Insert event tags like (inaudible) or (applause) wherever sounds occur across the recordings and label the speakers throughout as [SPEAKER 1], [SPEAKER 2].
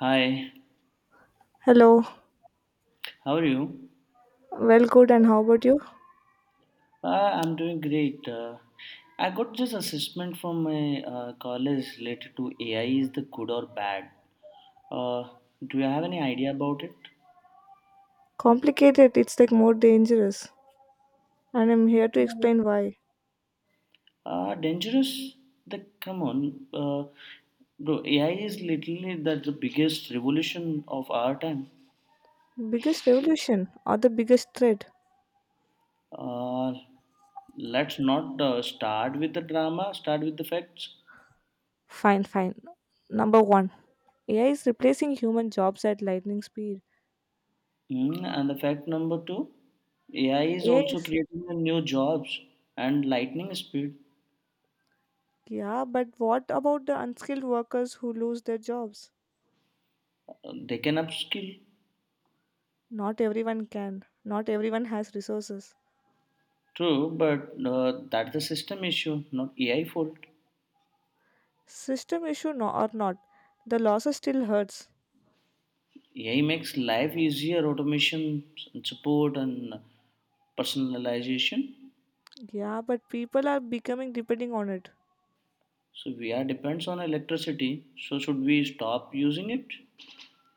[SPEAKER 1] Hi,
[SPEAKER 2] Hello.
[SPEAKER 1] how are you?
[SPEAKER 2] Well, good, and how about you?
[SPEAKER 1] Uh, I'm doing great. I got this assessment from my college related to AI is the good or bad. Uh, do you have any idea about it?
[SPEAKER 2] Complicated, it's like more dangerous. And I'm here to explain why.
[SPEAKER 1] Dangerous? Come on, bro. AI is literally the biggest revolution of our time.
[SPEAKER 2] Biggest revolution or the biggest threat?
[SPEAKER 1] Uh, let's not start with the drama. Start with the facts.
[SPEAKER 2] Fine, fine. Number one AI is replacing human jobs at lightning speed.
[SPEAKER 1] And the fact number two, AI is
[SPEAKER 2] AI
[SPEAKER 1] also
[SPEAKER 2] is.
[SPEAKER 1] creating the new jobs and lightning speed.
[SPEAKER 2] Yeah, but what about the unskilled workers who lose their jobs?
[SPEAKER 1] They can upskill.
[SPEAKER 2] Not everyone can. Not everyone has resources.
[SPEAKER 1] True, but that's the system issue, not AI fault.
[SPEAKER 2] System issue no, or not, the losses still hurts.
[SPEAKER 1] AI makes life easier, automation and support and personalization.
[SPEAKER 2] Yeah, but people are becoming depending on it.
[SPEAKER 1] So we are depends on electricity. So should we stop using it?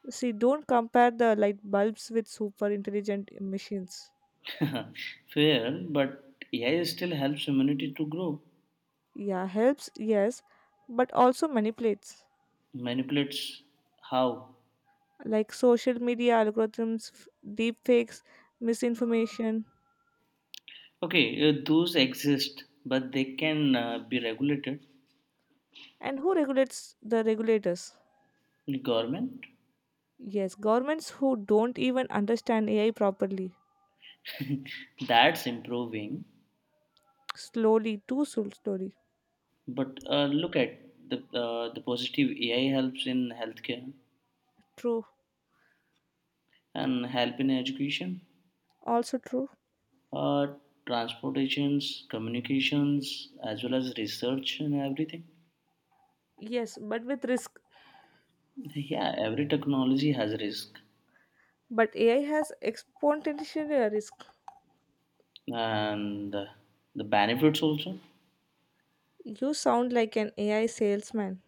[SPEAKER 2] See, don't compare the light bulbs with super intelligent machines.
[SPEAKER 1] (laughs) Fair, but AI still helps humanity to grow.
[SPEAKER 2] Yeah, helps, yes, but also manipulates.
[SPEAKER 1] Manipulates how?
[SPEAKER 2] Like social media algorithms, deepfakes, misinformation.
[SPEAKER 1] Okay, those exist, but they can be regulated.
[SPEAKER 2] And who regulates the regulators?
[SPEAKER 1] Government.
[SPEAKER 2] Yes, governments who don't even understand AI properly.
[SPEAKER 1] (laughs) That's improving.
[SPEAKER 2] Slowly, too slowly.
[SPEAKER 1] But look at the positive AI helps in healthcare
[SPEAKER 2] True,
[SPEAKER 1] and help in education,
[SPEAKER 2] also true.
[SPEAKER 1] uh, transportations, communications, as well as research and everything.
[SPEAKER 2] Yes, but with risk.
[SPEAKER 1] Yeah, every technology has risk
[SPEAKER 2] But AI has exponential risk.
[SPEAKER 1] and the benefits also.
[SPEAKER 2] You sound like an AI salesman.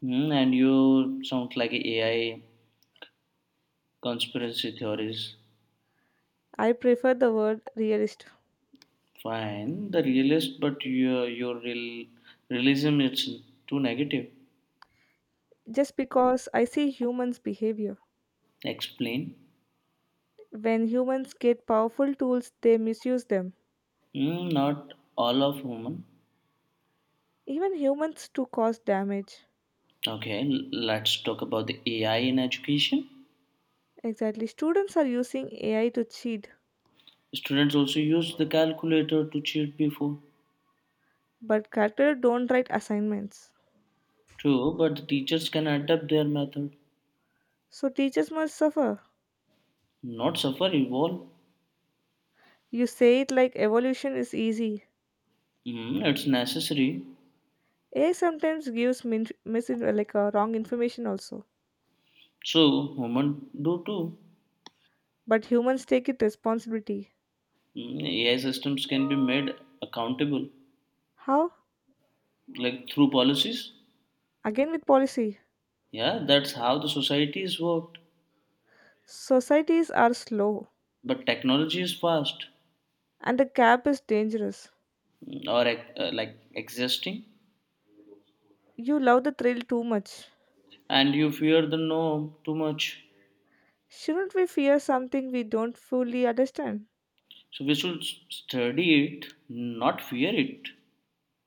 [SPEAKER 1] And you sound like a AI conspiracy theories.
[SPEAKER 2] I prefer the word realist
[SPEAKER 1] Fine, the realist, but your real realism it's too negative.
[SPEAKER 2] just because I see humans' behavior.
[SPEAKER 1] Explain.
[SPEAKER 2] When humans get powerful tools, they misuse them.
[SPEAKER 1] Not all of human.
[SPEAKER 2] Even humans to cause damage.
[SPEAKER 1] Okay, let's talk about the AI in education.
[SPEAKER 2] Exactly. Students are using AI to cheat,
[SPEAKER 1] Students also use the calculator to cheat before.
[SPEAKER 2] but characters don't write assignments.
[SPEAKER 1] True, but the teachers can adapt their method.
[SPEAKER 2] So teachers must suffer.
[SPEAKER 1] Not suffer, evolve.
[SPEAKER 2] You say it like evolution is easy.
[SPEAKER 1] It's necessary.
[SPEAKER 2] AI sometimes gives wrong information also.
[SPEAKER 1] So human do too.
[SPEAKER 2] But humans take it responsibility.
[SPEAKER 1] AI systems can be made accountable,
[SPEAKER 2] How?
[SPEAKER 1] like through policies.
[SPEAKER 2] Again with policy.
[SPEAKER 1] Yeah, that's how the society is worked.
[SPEAKER 2] Societies are slow.
[SPEAKER 1] But technology is fast,
[SPEAKER 2] And the cap is dangerous.
[SPEAKER 1] or like existing,
[SPEAKER 2] You love the thrill too much.
[SPEAKER 1] and you fear the norm too much.
[SPEAKER 2] Shouldn't we fear something we don't fully understand?
[SPEAKER 1] So we should study it, not fear it.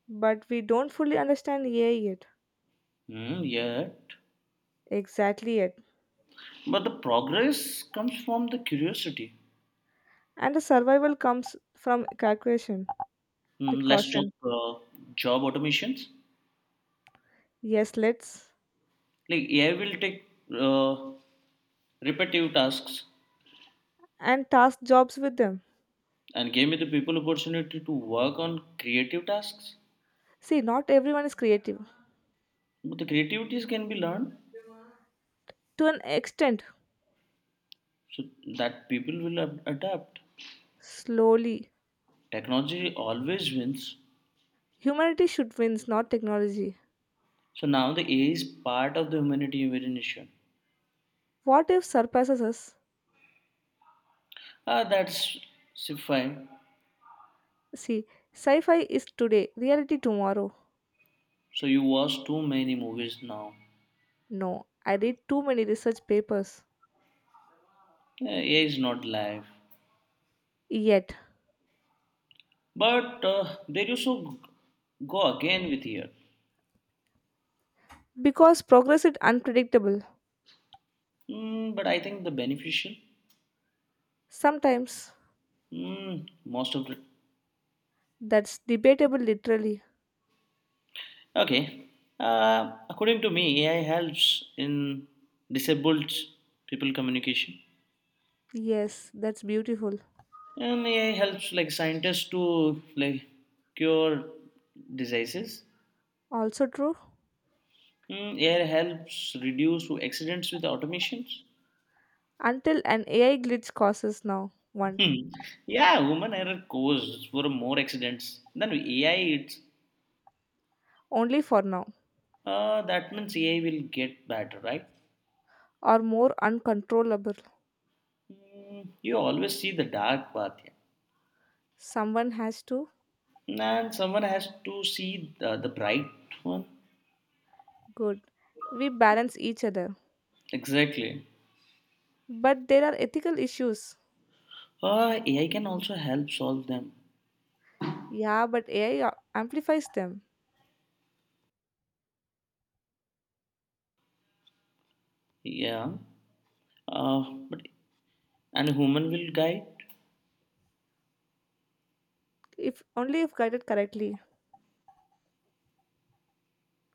[SPEAKER 2] But we don't fully understand AI yet.
[SPEAKER 1] Hmm, yet.
[SPEAKER 2] Exactly yet.
[SPEAKER 1] But the progress comes from the curiosity.
[SPEAKER 2] And the survival comes from calculation, the
[SPEAKER 1] Let's talk
[SPEAKER 2] caution.
[SPEAKER 1] job automations.
[SPEAKER 2] Yes, let's.
[SPEAKER 1] Like AI will take uh, repetitive tasks
[SPEAKER 2] And task jobs with them.
[SPEAKER 1] and give me the people opportunity to work on creative tasks.
[SPEAKER 2] See, not everyone is creative.
[SPEAKER 1] But the creativities can be learned.
[SPEAKER 2] To an extent,
[SPEAKER 1] So that people will adapt.
[SPEAKER 2] slowly.
[SPEAKER 1] Technology always wins.
[SPEAKER 2] Humanity should win, not technology.
[SPEAKER 1] So now the ai is part of the humanity evolution.
[SPEAKER 2] What if surpasses us?
[SPEAKER 1] Ah, that's fine.
[SPEAKER 2] See, sci fi is today, reality tomorrow.
[SPEAKER 1] So you watch too many movies now.
[SPEAKER 2] No, I read too many research papers.
[SPEAKER 1] Eh, ai is not live,
[SPEAKER 2] Yet,
[SPEAKER 1] but they also go again with here.
[SPEAKER 2] because progress is unpredictable,
[SPEAKER 1] But I think the beneficial.
[SPEAKER 2] sometimes
[SPEAKER 1] Mm, most of it.
[SPEAKER 2] that's debatable literally.
[SPEAKER 1] Okay, uh, according to me ai helps in disabled people communication.
[SPEAKER 2] Yes, that's beautiful.
[SPEAKER 1] And AI helps like scientists to like cure diseases.
[SPEAKER 2] Also true,
[SPEAKER 1] AI helps reduce accidents with automations.
[SPEAKER 2] until an AI glitch causes now one,
[SPEAKER 1] Hmm. Yeah, human error causes for more accidents than AI. It's
[SPEAKER 2] only for now,
[SPEAKER 1] that means AI will get better, right?
[SPEAKER 2] or more uncontrollable.
[SPEAKER 1] Hmm, you always see the dark path.
[SPEAKER 2] Someone has to.
[SPEAKER 1] Yeah. And someone has to see the bright one.
[SPEAKER 2] Good. We balance each other.
[SPEAKER 1] Exactly.
[SPEAKER 2] But there are ethical issues.
[SPEAKER 1] AI can also help solve them.
[SPEAKER 2] Yeah, but AI amplifies them.
[SPEAKER 1] Yeah. But and human will guide.
[SPEAKER 2] If only if guided correctly.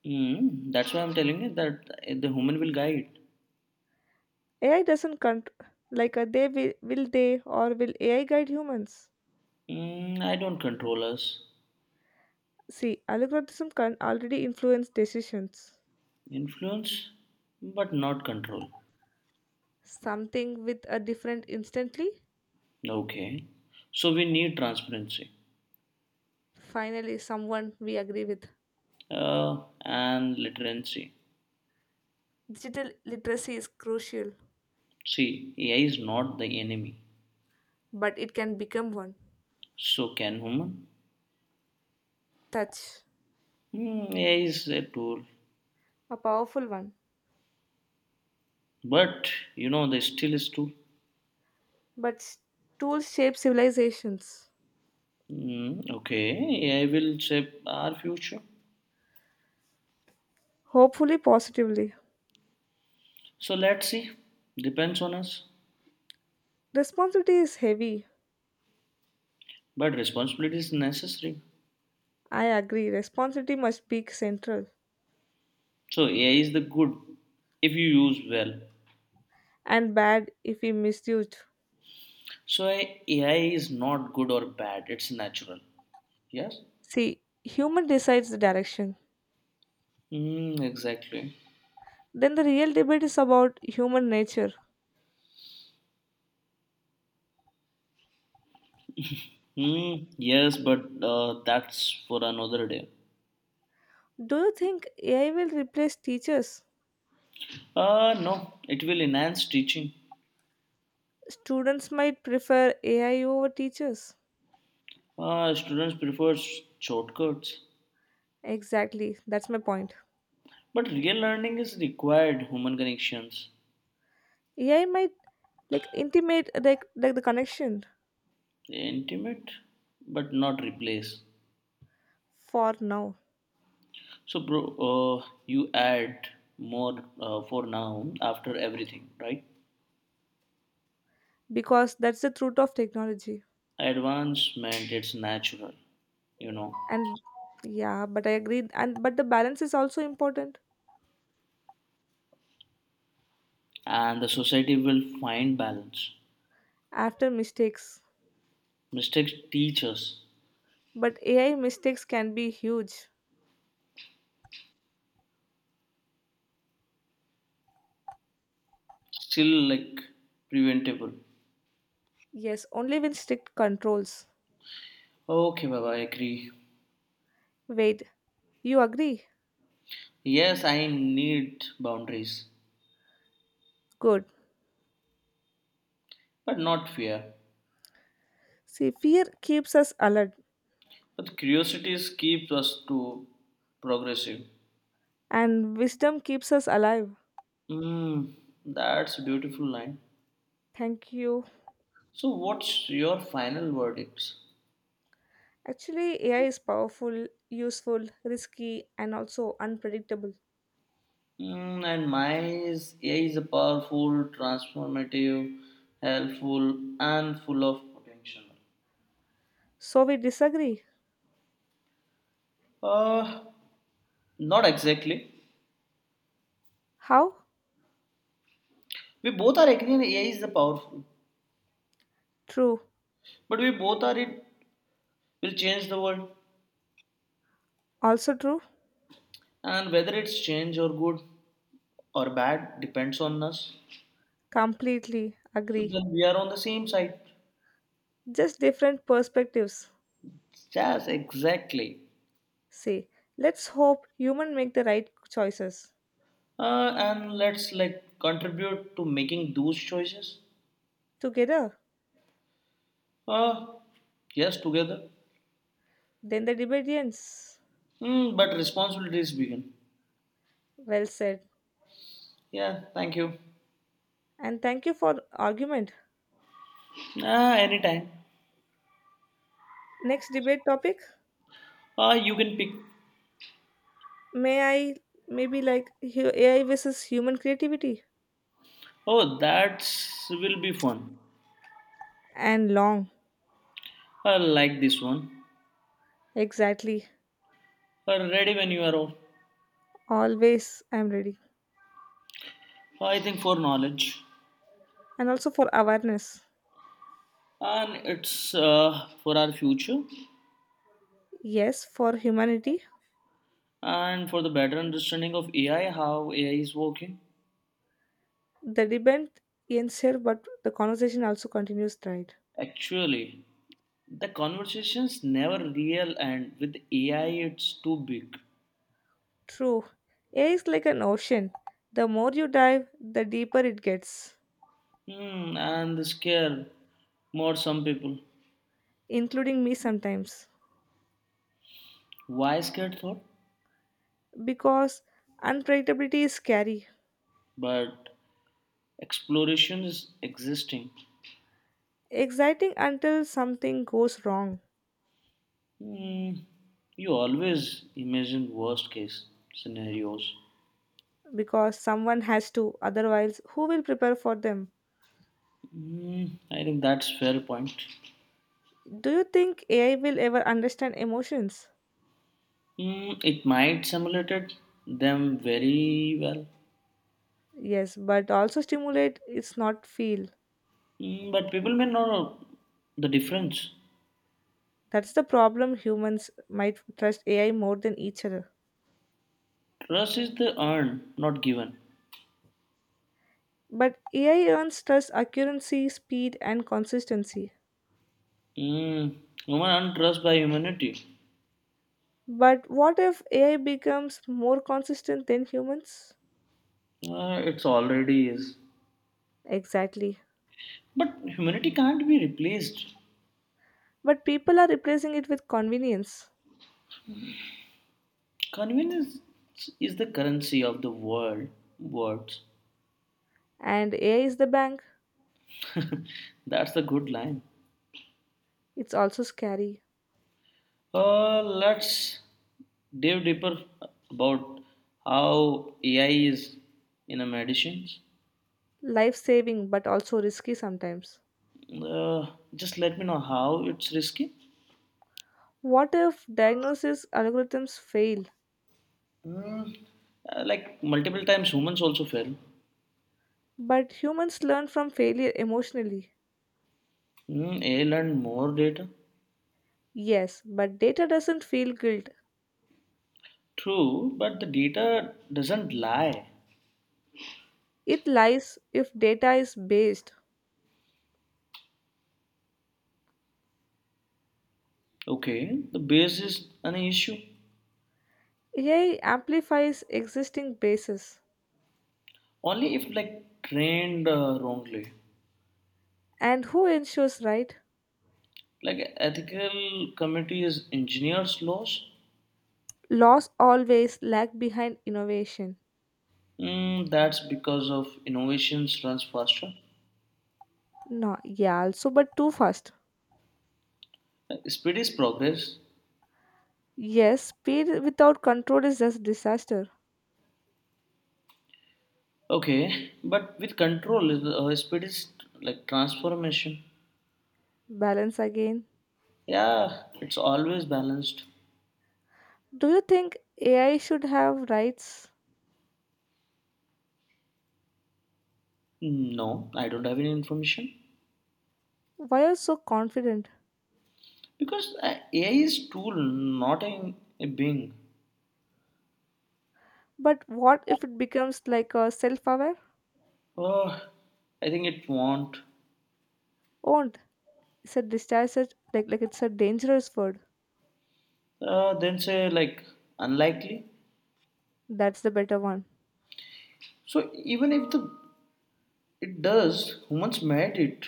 [SPEAKER 1] That's why I'm telling you that the human will guide.
[SPEAKER 2] AI doesn't cont- like they will they or will AI guide humans?
[SPEAKER 1] I don't control us.
[SPEAKER 2] See, algorithm can already influence decisions.
[SPEAKER 1] Influence, but not control.
[SPEAKER 2] Something with a different instantly.
[SPEAKER 1] Okay. So we need transparency
[SPEAKER 2] Finally, someone we agree with.
[SPEAKER 1] and literacy.
[SPEAKER 2] Digital literacy is crucial,
[SPEAKER 1] See, AI is not the enemy.
[SPEAKER 2] but it can become one.
[SPEAKER 1] So can human?
[SPEAKER 2] Touch,
[SPEAKER 1] AI is a tool.
[SPEAKER 2] a powerful one,
[SPEAKER 1] But the still is tool.
[SPEAKER 2] but tools shape civilizations.
[SPEAKER 1] Okay. AI will shape our future.
[SPEAKER 2] Hopefully, positively.
[SPEAKER 1] So let's see. Depends on us.
[SPEAKER 2] Responsibility is heavy.
[SPEAKER 1] But responsibility is necessary.
[SPEAKER 2] I agree. Responsibility must be central
[SPEAKER 1] So AI is the good if you use well.
[SPEAKER 2] and bad if we misused.
[SPEAKER 1] So AI is not good or bad. It's natural. Yes.
[SPEAKER 2] See, human decides the direction.
[SPEAKER 1] Mm, exactly.
[SPEAKER 2] Then the real debate is about human nature.
[SPEAKER 1] Mm, yes, but that's for another day.
[SPEAKER 2] Do you think AI will replace teachers?
[SPEAKER 1] No, it will enhance teaching.
[SPEAKER 2] Students might prefer AI over teachers.
[SPEAKER 1] Students prefer shortcuts.
[SPEAKER 2] Exactly, that's my point.
[SPEAKER 1] But real learning is required human connections.
[SPEAKER 2] AI might like intimate like the connection
[SPEAKER 1] Intimate, but not replace.
[SPEAKER 2] for now
[SPEAKER 1] So, bro, you add more for now after everything, right?
[SPEAKER 2] because that's the truth of technology.
[SPEAKER 1] Advancement it's natural you know
[SPEAKER 2] And yeah, but I agree and but the balance is also important
[SPEAKER 1] and the society will find balance.
[SPEAKER 2] after mistakes.
[SPEAKER 1] Mistakes teach us.
[SPEAKER 2] But AI mistakes can be huge.
[SPEAKER 1] Still like preventable.
[SPEAKER 2] Yes, only with strict controls.
[SPEAKER 1] Okay, baba, I agree.
[SPEAKER 2] Wait, you agree?
[SPEAKER 1] Yes, I need boundaries,
[SPEAKER 2] Good.
[SPEAKER 1] but not fear.
[SPEAKER 2] See, fear keeps us alert
[SPEAKER 1] But curiosities keeps us to progressive.
[SPEAKER 2] and wisdom keeps us alive.
[SPEAKER 1] Hmm, that's a beautiful line.
[SPEAKER 2] Thank you.
[SPEAKER 1] So what's your final verdicts?
[SPEAKER 2] Actually, AI is powerful, useful, risky, and also unpredictable.
[SPEAKER 1] And mine is AI is a powerful, transformative, helpful, and full of potential.
[SPEAKER 2] So we disagree.
[SPEAKER 1] Uh, not exactly.
[SPEAKER 2] How?
[SPEAKER 1] We both are agreeing that AI is the powerful,
[SPEAKER 2] True.
[SPEAKER 1] but we both are it will change the world,
[SPEAKER 2] Also true?
[SPEAKER 1] and whether it's change or good or bad depends on us.
[SPEAKER 2] Completely
[SPEAKER 1] So
[SPEAKER 2] agree.
[SPEAKER 1] then we are on the same side.
[SPEAKER 2] Just different perspectives.
[SPEAKER 1] Yes, exactly.
[SPEAKER 2] Say, let's hope human make the right choices.
[SPEAKER 1] And let's like contribute to making those choices.
[SPEAKER 2] Together,
[SPEAKER 1] Uh, yes, together.
[SPEAKER 2] then the debate ends.
[SPEAKER 1] But responsibilities begin.
[SPEAKER 2] Well said.
[SPEAKER 1] Yeah, thank you.
[SPEAKER 2] And thank you for argument.
[SPEAKER 1] Ah, anytime.
[SPEAKER 2] Next debate topic?
[SPEAKER 1] Ah, you can pick.
[SPEAKER 2] May I maybe AI versus human creativity
[SPEAKER 1] Oh, that's will be fun.
[SPEAKER 2] and long.
[SPEAKER 1] I like this one.
[SPEAKER 2] Exactly.
[SPEAKER 1] Ah, ready when you are off.
[SPEAKER 2] Always I'm ready.
[SPEAKER 1] Ah, I think for knowledge,
[SPEAKER 2] And also for awareness.
[SPEAKER 1] and it's for our future,
[SPEAKER 2] Yes, for humanity.
[SPEAKER 1] and for the better understanding of AI, how AI is working.
[SPEAKER 2] The debate ends here, but the conversation also continues, right?
[SPEAKER 1] Actually, the conversations never real, and with AI, it's too big.
[SPEAKER 2] True. AI is like an ocean. The more you dive, the deeper it gets,
[SPEAKER 1] And the scare more some people.
[SPEAKER 2] including me sometimes.
[SPEAKER 1] Why scared thought?
[SPEAKER 2] Because unpredictability is scary,
[SPEAKER 1] But exploration is existing.
[SPEAKER 2] exciting until something goes wrong.
[SPEAKER 1] Hmm, you always imagine worst case scenarios.
[SPEAKER 2] Because someone has to, otherwise, who will prepare for them?
[SPEAKER 1] Hmm, I think that's fair point.
[SPEAKER 2] Do you think AI will ever understand emotions?
[SPEAKER 1] Hmm, it might simulate them very well.
[SPEAKER 2] Yes, but also stimulate is not feel.
[SPEAKER 1] But people may not know the difference.
[SPEAKER 2] That's the problem humans might trust AI more than each other.
[SPEAKER 1] Trust is the earned, not given.
[SPEAKER 2] But AI earns trust accuracy, speed, and consistency.
[SPEAKER 1] Hmm, human earned trust by humanity.
[SPEAKER 2] But what if AI becomes more consistent than humans?
[SPEAKER 1] It's already is.
[SPEAKER 2] Exactly.
[SPEAKER 1] But humanity can't be replaced.
[SPEAKER 2] But people are replacing it with convenience.
[SPEAKER 1] Convenience is the currency of the world. Words.
[SPEAKER 2] And AI is the bank.
[SPEAKER 1] (laughs) That's a good line.
[SPEAKER 2] It's also scary.
[SPEAKER 1] Let's dive deeper about how AI is in a medicines.
[SPEAKER 2] Life saving but also risky sometimes.
[SPEAKER 1] Uh, just let me know how it's risky.
[SPEAKER 2] What if diagnosis algorithms fail?
[SPEAKER 1] Mm, like multiple times, humans also fail.
[SPEAKER 2] But humans learn from failure emotionally.
[SPEAKER 1] AI learned more data.
[SPEAKER 2] Yes, but data doesn't feel guilt.
[SPEAKER 1] True, but the data doesn't lie.
[SPEAKER 2] It lies if data is based.
[SPEAKER 1] Okay, the base is an issue.
[SPEAKER 2] AI amplifies existing bases.
[SPEAKER 1] Only if like trained wrongly.
[SPEAKER 2] And who ensures right?
[SPEAKER 1] Like ethical committees, engineers laws.
[SPEAKER 2] Laws always lag behind innovation.
[SPEAKER 1] That's because of innovations runs faster.
[SPEAKER 2] No, yeah, also, but too fast.
[SPEAKER 1] Speed is progress.
[SPEAKER 2] Yes, speed without control is just disaster.
[SPEAKER 1] Okay, but with control, speed is like transformation.
[SPEAKER 2] Balance again.
[SPEAKER 1] Yeah, it's always balanced.
[SPEAKER 2] Do you think AI should have rights?
[SPEAKER 1] Hmm, no, I don't have any information
[SPEAKER 2] Why are you so confident?
[SPEAKER 1] because AI is tool, not a being.
[SPEAKER 2] But what if it becomes like a self-aware?
[SPEAKER 1] Oh, I think it won't.
[SPEAKER 2] Owned. It's a discharged like it's a dangerous word.
[SPEAKER 1] Then say like unlikely.
[SPEAKER 2] That's the better one.
[SPEAKER 1] So even if the it does, humans made it.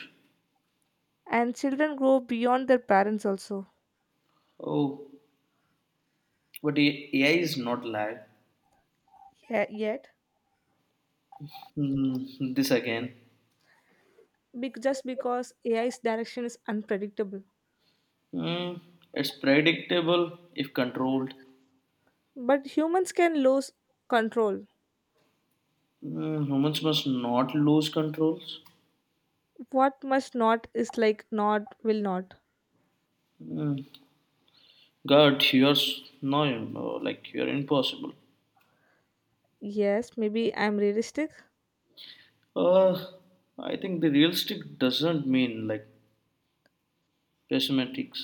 [SPEAKER 2] And children grow beyond their parents also.
[SPEAKER 1] Oh, but AI is not live.
[SPEAKER 2] Yeah, yet,
[SPEAKER 1] Hmm, this again.
[SPEAKER 2] just because AI's direction is unpredictable.
[SPEAKER 1] Hmm, it's predictable if controlled.
[SPEAKER 2] But humans can lose control.
[SPEAKER 1] Hmm, humans must not lose controls.
[SPEAKER 2] What must not is like not will not.
[SPEAKER 1] Hmm, God, you're no, like you're impossible.
[SPEAKER 2] Yes, maybe I'm realistic.
[SPEAKER 1] Uh, I think the realistic doesn't mean like pessimistic.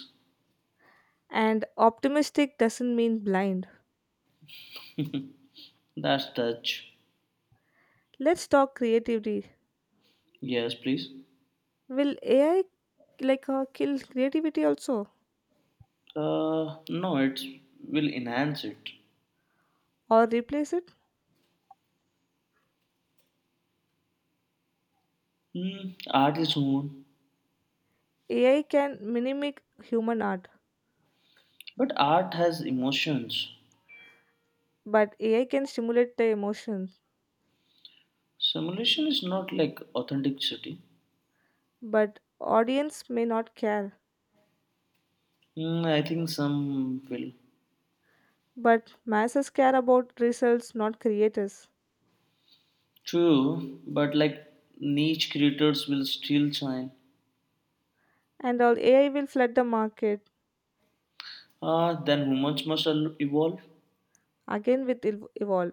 [SPEAKER 2] And optimistic doesn't mean blind.
[SPEAKER 1] That's touch.
[SPEAKER 2] Let's talk creativity.
[SPEAKER 1] Yes, please.
[SPEAKER 2] Will AI kill creativity also
[SPEAKER 1] No, it will enhance it.
[SPEAKER 2] or replace it?
[SPEAKER 1] Mm, art is mood,
[SPEAKER 2] AI can mimic human art,
[SPEAKER 1] but art has emotions.
[SPEAKER 2] but AI can stimulate the emotions.
[SPEAKER 1] Simulation is not like authenticity.
[SPEAKER 2] But audience may not care.
[SPEAKER 1] I think some will.
[SPEAKER 2] But masses care about results, not creators.
[SPEAKER 1] True, but like niche creators will still shine.
[SPEAKER 2] And all AI will flood the market
[SPEAKER 1] Then humans must evolve
[SPEAKER 2] again with evolve.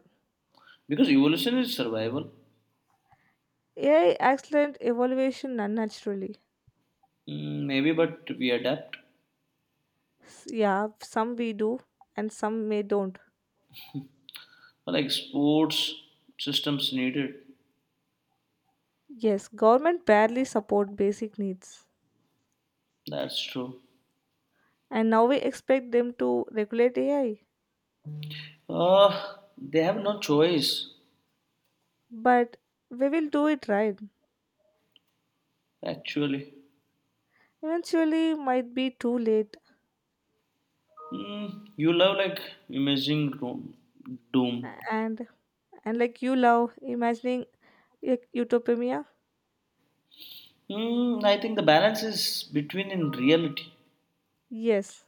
[SPEAKER 1] because evolution is survival.
[SPEAKER 2] AI accelerate evaluation unnaturally.
[SPEAKER 1] Maybe, but we adapt.
[SPEAKER 2] Yeah, some we do and some may don't.
[SPEAKER 1] Like sports systems needed.
[SPEAKER 2] Yes, government barely support basic needs,
[SPEAKER 1] That's true.
[SPEAKER 2] and now we expect them to regulate AI.
[SPEAKER 1] Ah, they have no choice
[SPEAKER 2] But we will do it right.
[SPEAKER 1] actually.
[SPEAKER 2] Eventually, might be too late.
[SPEAKER 1] You love like imaging room, doom.
[SPEAKER 2] And like you love imagining utopia.
[SPEAKER 1] I think the balance is between in reality.
[SPEAKER 2] Yes,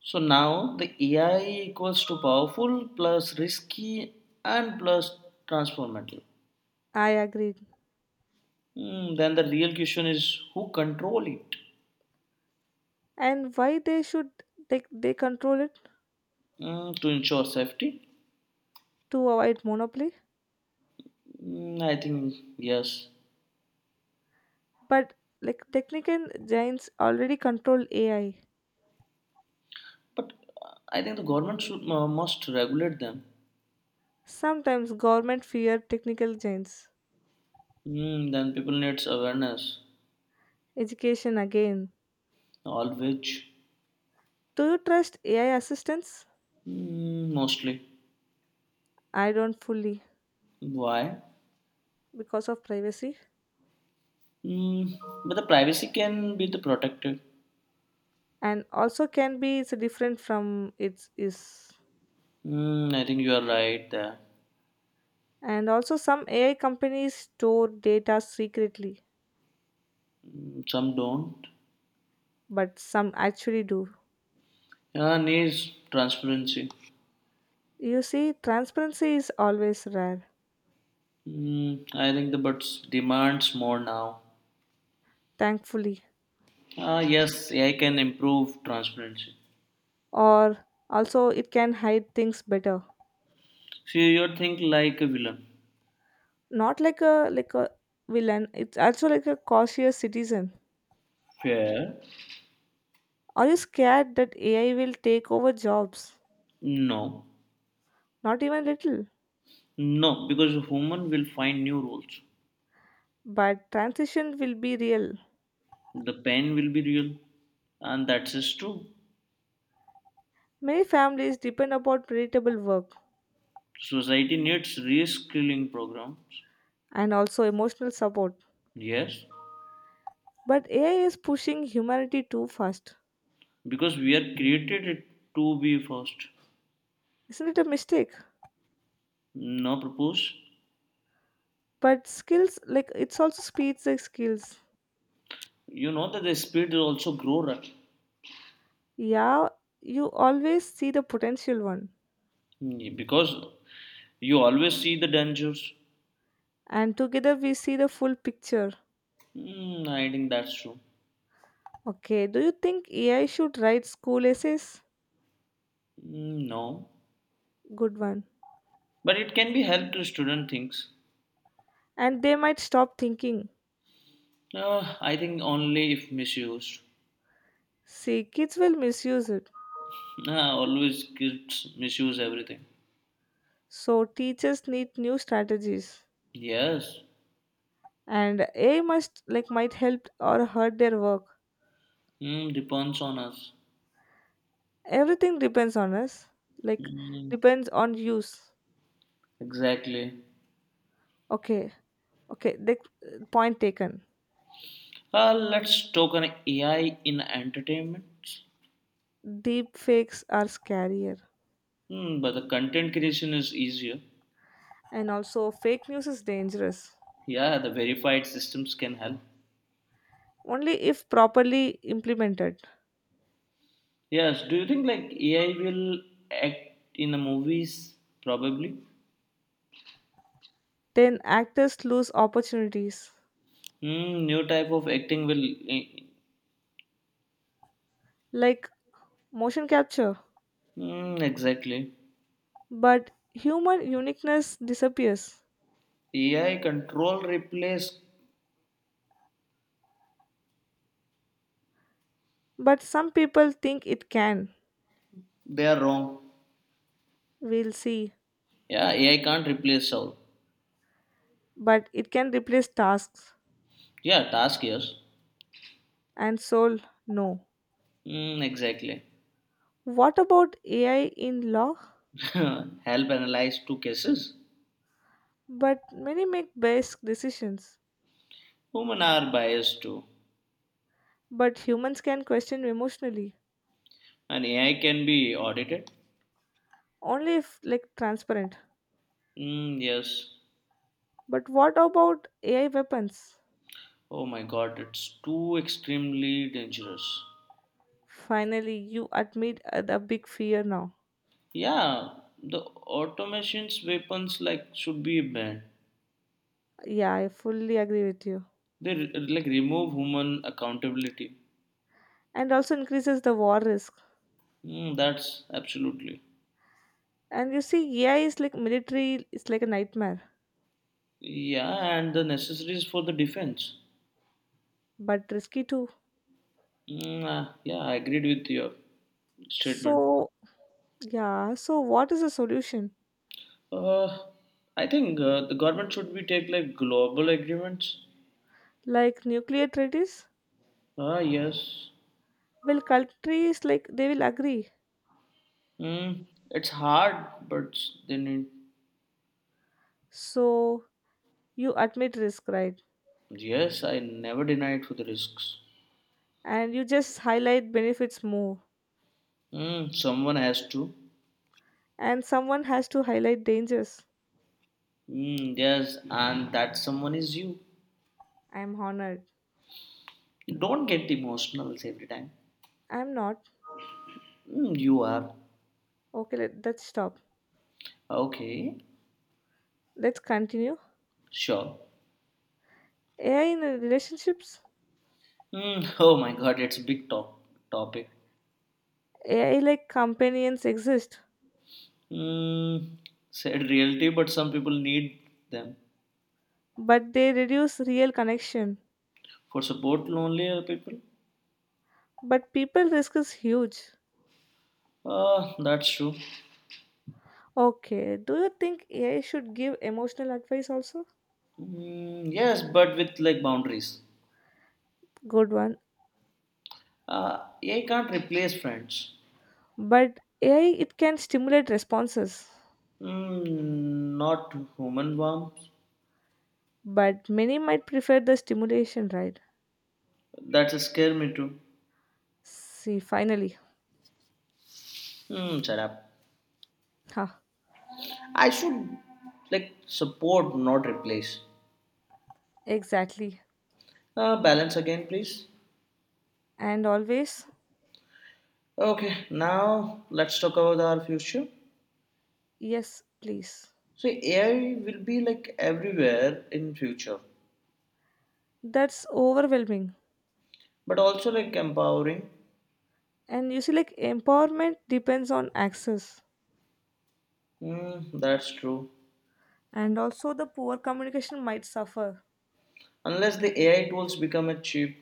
[SPEAKER 1] So now the AI equals to powerful plus risky and plus transformative.
[SPEAKER 2] I agree.
[SPEAKER 1] Then the real question is who control it.
[SPEAKER 2] And why they should they control it
[SPEAKER 1] To ensure safety.
[SPEAKER 2] to avoid monopoly?
[SPEAKER 1] Mm, I think yes,
[SPEAKER 2] But like technical giants already control AI.
[SPEAKER 1] but I think the government should must regulate them.
[SPEAKER 2] Sometimes government fear technical giants.
[SPEAKER 1] Then people needs awareness,
[SPEAKER 2] Education again.
[SPEAKER 1] always.
[SPEAKER 2] Do you trust AI assistants?
[SPEAKER 1] Mm, mostly.
[SPEAKER 2] I don't fully
[SPEAKER 1] Why?
[SPEAKER 2] because of privacy.
[SPEAKER 1] Mm, but the privacy can be the protected.
[SPEAKER 2] And also can be it's different from its is.
[SPEAKER 1] I think you are right there.
[SPEAKER 2] And also some ai companies store data secretly
[SPEAKER 1] Mm, some don't.
[SPEAKER 2] but some actually do.
[SPEAKER 1] Yeah, needs transparency.
[SPEAKER 2] You see transparency is always rare.
[SPEAKER 1] I think the but demands more now.
[SPEAKER 2] Thankfully,
[SPEAKER 1] Ah, yes, AI can improve transparency.
[SPEAKER 2] or also it can hide things better.
[SPEAKER 1] See, you think like a villain.
[SPEAKER 2] Not like a villain, it's also like a cautious citizen.
[SPEAKER 1] Fair?
[SPEAKER 2] Are you scared that ai will take over jobs?
[SPEAKER 1] No,
[SPEAKER 2] Not even little
[SPEAKER 1] no, because a human will find new roles.
[SPEAKER 2] but transition will be real.
[SPEAKER 1] The pain will be real, and that's true.
[SPEAKER 2] Many families depend upon predictable work
[SPEAKER 1] Society needs reskilling programs.
[SPEAKER 2] and also emotional support.
[SPEAKER 1] Yes,
[SPEAKER 2] But AI is pushing humanity too fast.
[SPEAKER 1] because we are created it to be first
[SPEAKER 2] Isn't it a mistake?
[SPEAKER 1] now propose.
[SPEAKER 2] But skills, like it's also speeds like skills.
[SPEAKER 1] You know that the speed will also grow, right?
[SPEAKER 2] Yeah, you always see the potential one.
[SPEAKER 1] Because you always see the dangers.
[SPEAKER 2] And together we see the full picture.
[SPEAKER 1] I think that's true.
[SPEAKER 2] Okay, do you think AI should write school essays?
[SPEAKER 1] Mm, no,
[SPEAKER 2] Good one.
[SPEAKER 1] but it can be helped to student things.
[SPEAKER 2] And they might stop thinking.
[SPEAKER 1] I think only if misused.
[SPEAKER 2] See, kids will misuse it.
[SPEAKER 1] (laughs) Ah, always kids misuse everything.
[SPEAKER 2] So teachers need new strategies.
[SPEAKER 1] Yes.
[SPEAKER 2] And AI must like might help or hurt their work.
[SPEAKER 1] Mm, depends on us.
[SPEAKER 2] Everything depends on us, like
[SPEAKER 1] Mm,
[SPEAKER 2] depends on use.
[SPEAKER 1] exactly.
[SPEAKER 2] Okay, okay the point taken.
[SPEAKER 1] Let's talk on AI in entertainment.
[SPEAKER 2] Deep fakes are scarier
[SPEAKER 1] But the content creation is easier.
[SPEAKER 2] and also fake news is dangerous
[SPEAKER 1] Yeah, the verified systems can help.
[SPEAKER 2] only if properly implemented.
[SPEAKER 1] Yes, do you think like AI will act in the movies? Probably.
[SPEAKER 2] Then actors lose opportunities
[SPEAKER 1] Hmm, new type of acting will. Eh.
[SPEAKER 2] like motion capture,
[SPEAKER 1] Hmm, exactly.
[SPEAKER 2] but human uniqueness disappears,
[SPEAKER 1] AI control replace.
[SPEAKER 2] but some people think it can.
[SPEAKER 1] They are wrong.
[SPEAKER 2] We'll see,
[SPEAKER 1] Yeah, AI can't replace soul.
[SPEAKER 2] but it can replace tasks
[SPEAKER 1] Yeah, task yes.
[SPEAKER 2] and soul, no.
[SPEAKER 1] Hmm, exactly.
[SPEAKER 2] What about ai in law?
[SPEAKER 1] (laughs) Help analyze two cases.
[SPEAKER 2] But many make best decisions.
[SPEAKER 1] Human are biased too,
[SPEAKER 2] But humans can question emotionally,
[SPEAKER 1] and AI can be audited.
[SPEAKER 2] only if like transparent.
[SPEAKER 1] Hmm, yes.
[SPEAKER 2] But what about AI weapons?
[SPEAKER 1] Oh my god, it's too extremely dangerous.
[SPEAKER 2] Finally, you admit the big fear now.
[SPEAKER 1] Yeah, the automation's weapons like should be banned.
[SPEAKER 2] Yeah, I fully agree with you.
[SPEAKER 1] They like remove human accountability.
[SPEAKER 2] And also increases the war risk.
[SPEAKER 1] That's absolutely.
[SPEAKER 2] And you see, AI is like military, it's like a nightmare,
[SPEAKER 1] Yeah, and the necessaries for the defense.
[SPEAKER 2] but risky too.
[SPEAKER 1] Yeah, I agreed with your statement.
[SPEAKER 2] So, yeah, so what is the solution?
[SPEAKER 1] Uh, I think the government should be take like global agreements.
[SPEAKER 2] Like nuclear treaties?
[SPEAKER 1] Ah, yes.
[SPEAKER 2] Well, countries like they will agree.
[SPEAKER 1] It's hard, but they need.
[SPEAKER 2] So, you admit risk, right?
[SPEAKER 1] Yes, I never denied for the risks.
[SPEAKER 2] And you just highlight benefits more.
[SPEAKER 1] Mm, someone has to.
[SPEAKER 2] And someone has to highlight dangers.
[SPEAKER 1] Mm, yes, and that someone is you.
[SPEAKER 2] I'm honored.
[SPEAKER 1] Don't get emotional every time.
[SPEAKER 2] I'm not.
[SPEAKER 1] Mm, you are.
[SPEAKER 2] Okay, let's stop.
[SPEAKER 1] Okay,
[SPEAKER 2] Let's continue.
[SPEAKER 1] sure.
[SPEAKER 2] AI in relationships?
[SPEAKER 1] Mm, (laughs) oh my god, it's a big topic.
[SPEAKER 2] AI like companions exist,
[SPEAKER 1] Mm, said reality, but some people need them
[SPEAKER 2] but they reduce real connection.
[SPEAKER 1] for support lonelier people.
[SPEAKER 2] But people risk is huge.
[SPEAKER 1] That's true.
[SPEAKER 2] Okay, do you think AI should give emotional advice also?
[SPEAKER 1] Mm, yes, but with like boundaries.
[SPEAKER 2] Good one.
[SPEAKER 1] I can't replace friends.
[SPEAKER 2] But AI it can stimulate responses.
[SPEAKER 1] Not human bombs.
[SPEAKER 2] But many might prefer the stimulation, right?
[SPEAKER 1] That's scare me too.
[SPEAKER 2] See, finally.
[SPEAKER 1] Shut up.
[SPEAKER 2] Ha.
[SPEAKER 1] I should like support, not replace.
[SPEAKER 2] Exactly.
[SPEAKER 1] Balance again, please.
[SPEAKER 2] And always,
[SPEAKER 1] Okay, now let's talk about our future.
[SPEAKER 2] yes, please.
[SPEAKER 1] So AI will be like everywhere in future,
[SPEAKER 2] That's overwhelming.
[SPEAKER 1] but also like empowering.
[SPEAKER 2] And you see, like, empowerment depends on access.
[SPEAKER 1] That's true.
[SPEAKER 2] And also, the poor communication might suffer.
[SPEAKER 1] Unless the AI tools become a cheap.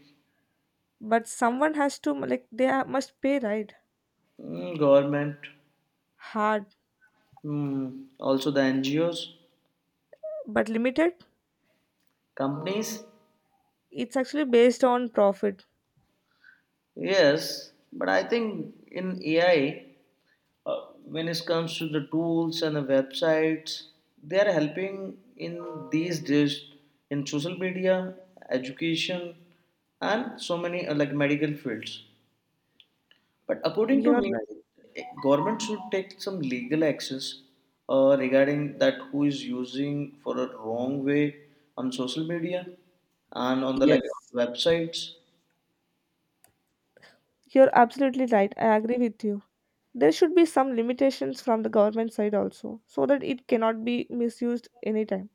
[SPEAKER 2] But someone has to, like, must pay, right?
[SPEAKER 1] Government.
[SPEAKER 2] Hard,
[SPEAKER 1] Also the NGOs.
[SPEAKER 2] but limited.
[SPEAKER 1] Companies.
[SPEAKER 2] It's actually based on profit.
[SPEAKER 1] Yes, but I think in AI, when it comes to the tools and the websites, they are helping in these days in social media, education, and so many like medical fields. But according to
[SPEAKER 2] You're
[SPEAKER 1] me,
[SPEAKER 2] right.
[SPEAKER 1] government should take some legal actions regarding that who is using for a wrong way on social media and on the like
[SPEAKER 2] Yes,
[SPEAKER 1] websites.
[SPEAKER 2] you're absolutely right. I agree with you. There should be some limitations from the government side also, so that it cannot be misused anytime.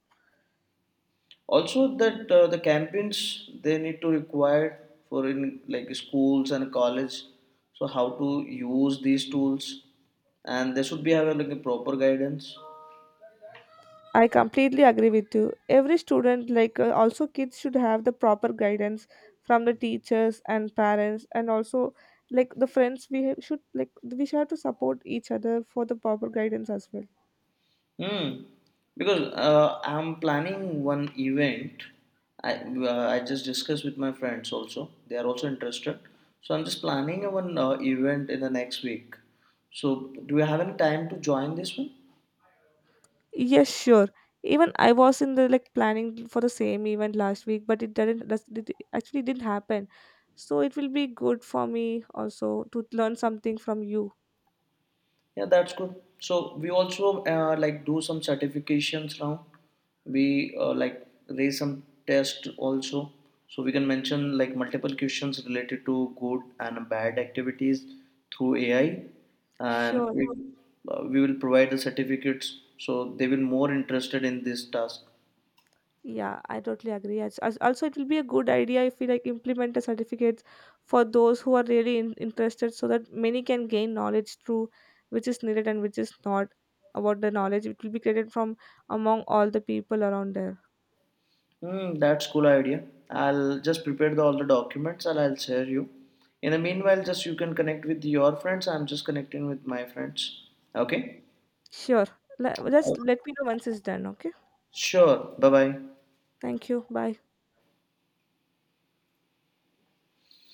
[SPEAKER 1] Also that the campaigns they need to require for in like schools and college, so how to use these tools, and they should be having like a proper guidance.
[SPEAKER 2] I completely agree with you. Every student, like also kids, should have the proper guidance from the teachers and parents, and also like the friends. We should have to support each other for the proper guidance as well.
[SPEAKER 1] Hmm. Because I'm planning one event. I just discussed with my friends also. They are also interested. So I'm just planning one event in the next week. So do you have any time to join this one?
[SPEAKER 2] Yes, sure. Even I was in the like planning for the same event last week, but it didn't. It actually didn't happen. So it will be good for me also to learn something from you.
[SPEAKER 1] Yeah, that's good. So we also like do some certifications now. We like raise some test also. So we can mention like multiple questions related to good and bad activities through AI, and
[SPEAKER 2] Sure.
[SPEAKER 1] it, we will provide the certificates so they will more interested in this task.
[SPEAKER 2] Yeah, I totally agree. Also, it will be a good idea if we like implement a certificates for those who are really interested, so that many can gain knowledge through which is needed and which is not about the knowledge. It will be created from among all the people around there.
[SPEAKER 1] Hmm, that's cool idea. I'll just prepare all the documents and I'll share you. In the meanwhile, just you can connect with your friends. I'm just connecting with my friends. Okay.
[SPEAKER 2] Sure, just let me know once it's done. Okay,
[SPEAKER 1] Sure. Bye bye.
[SPEAKER 2] thank you. Bye.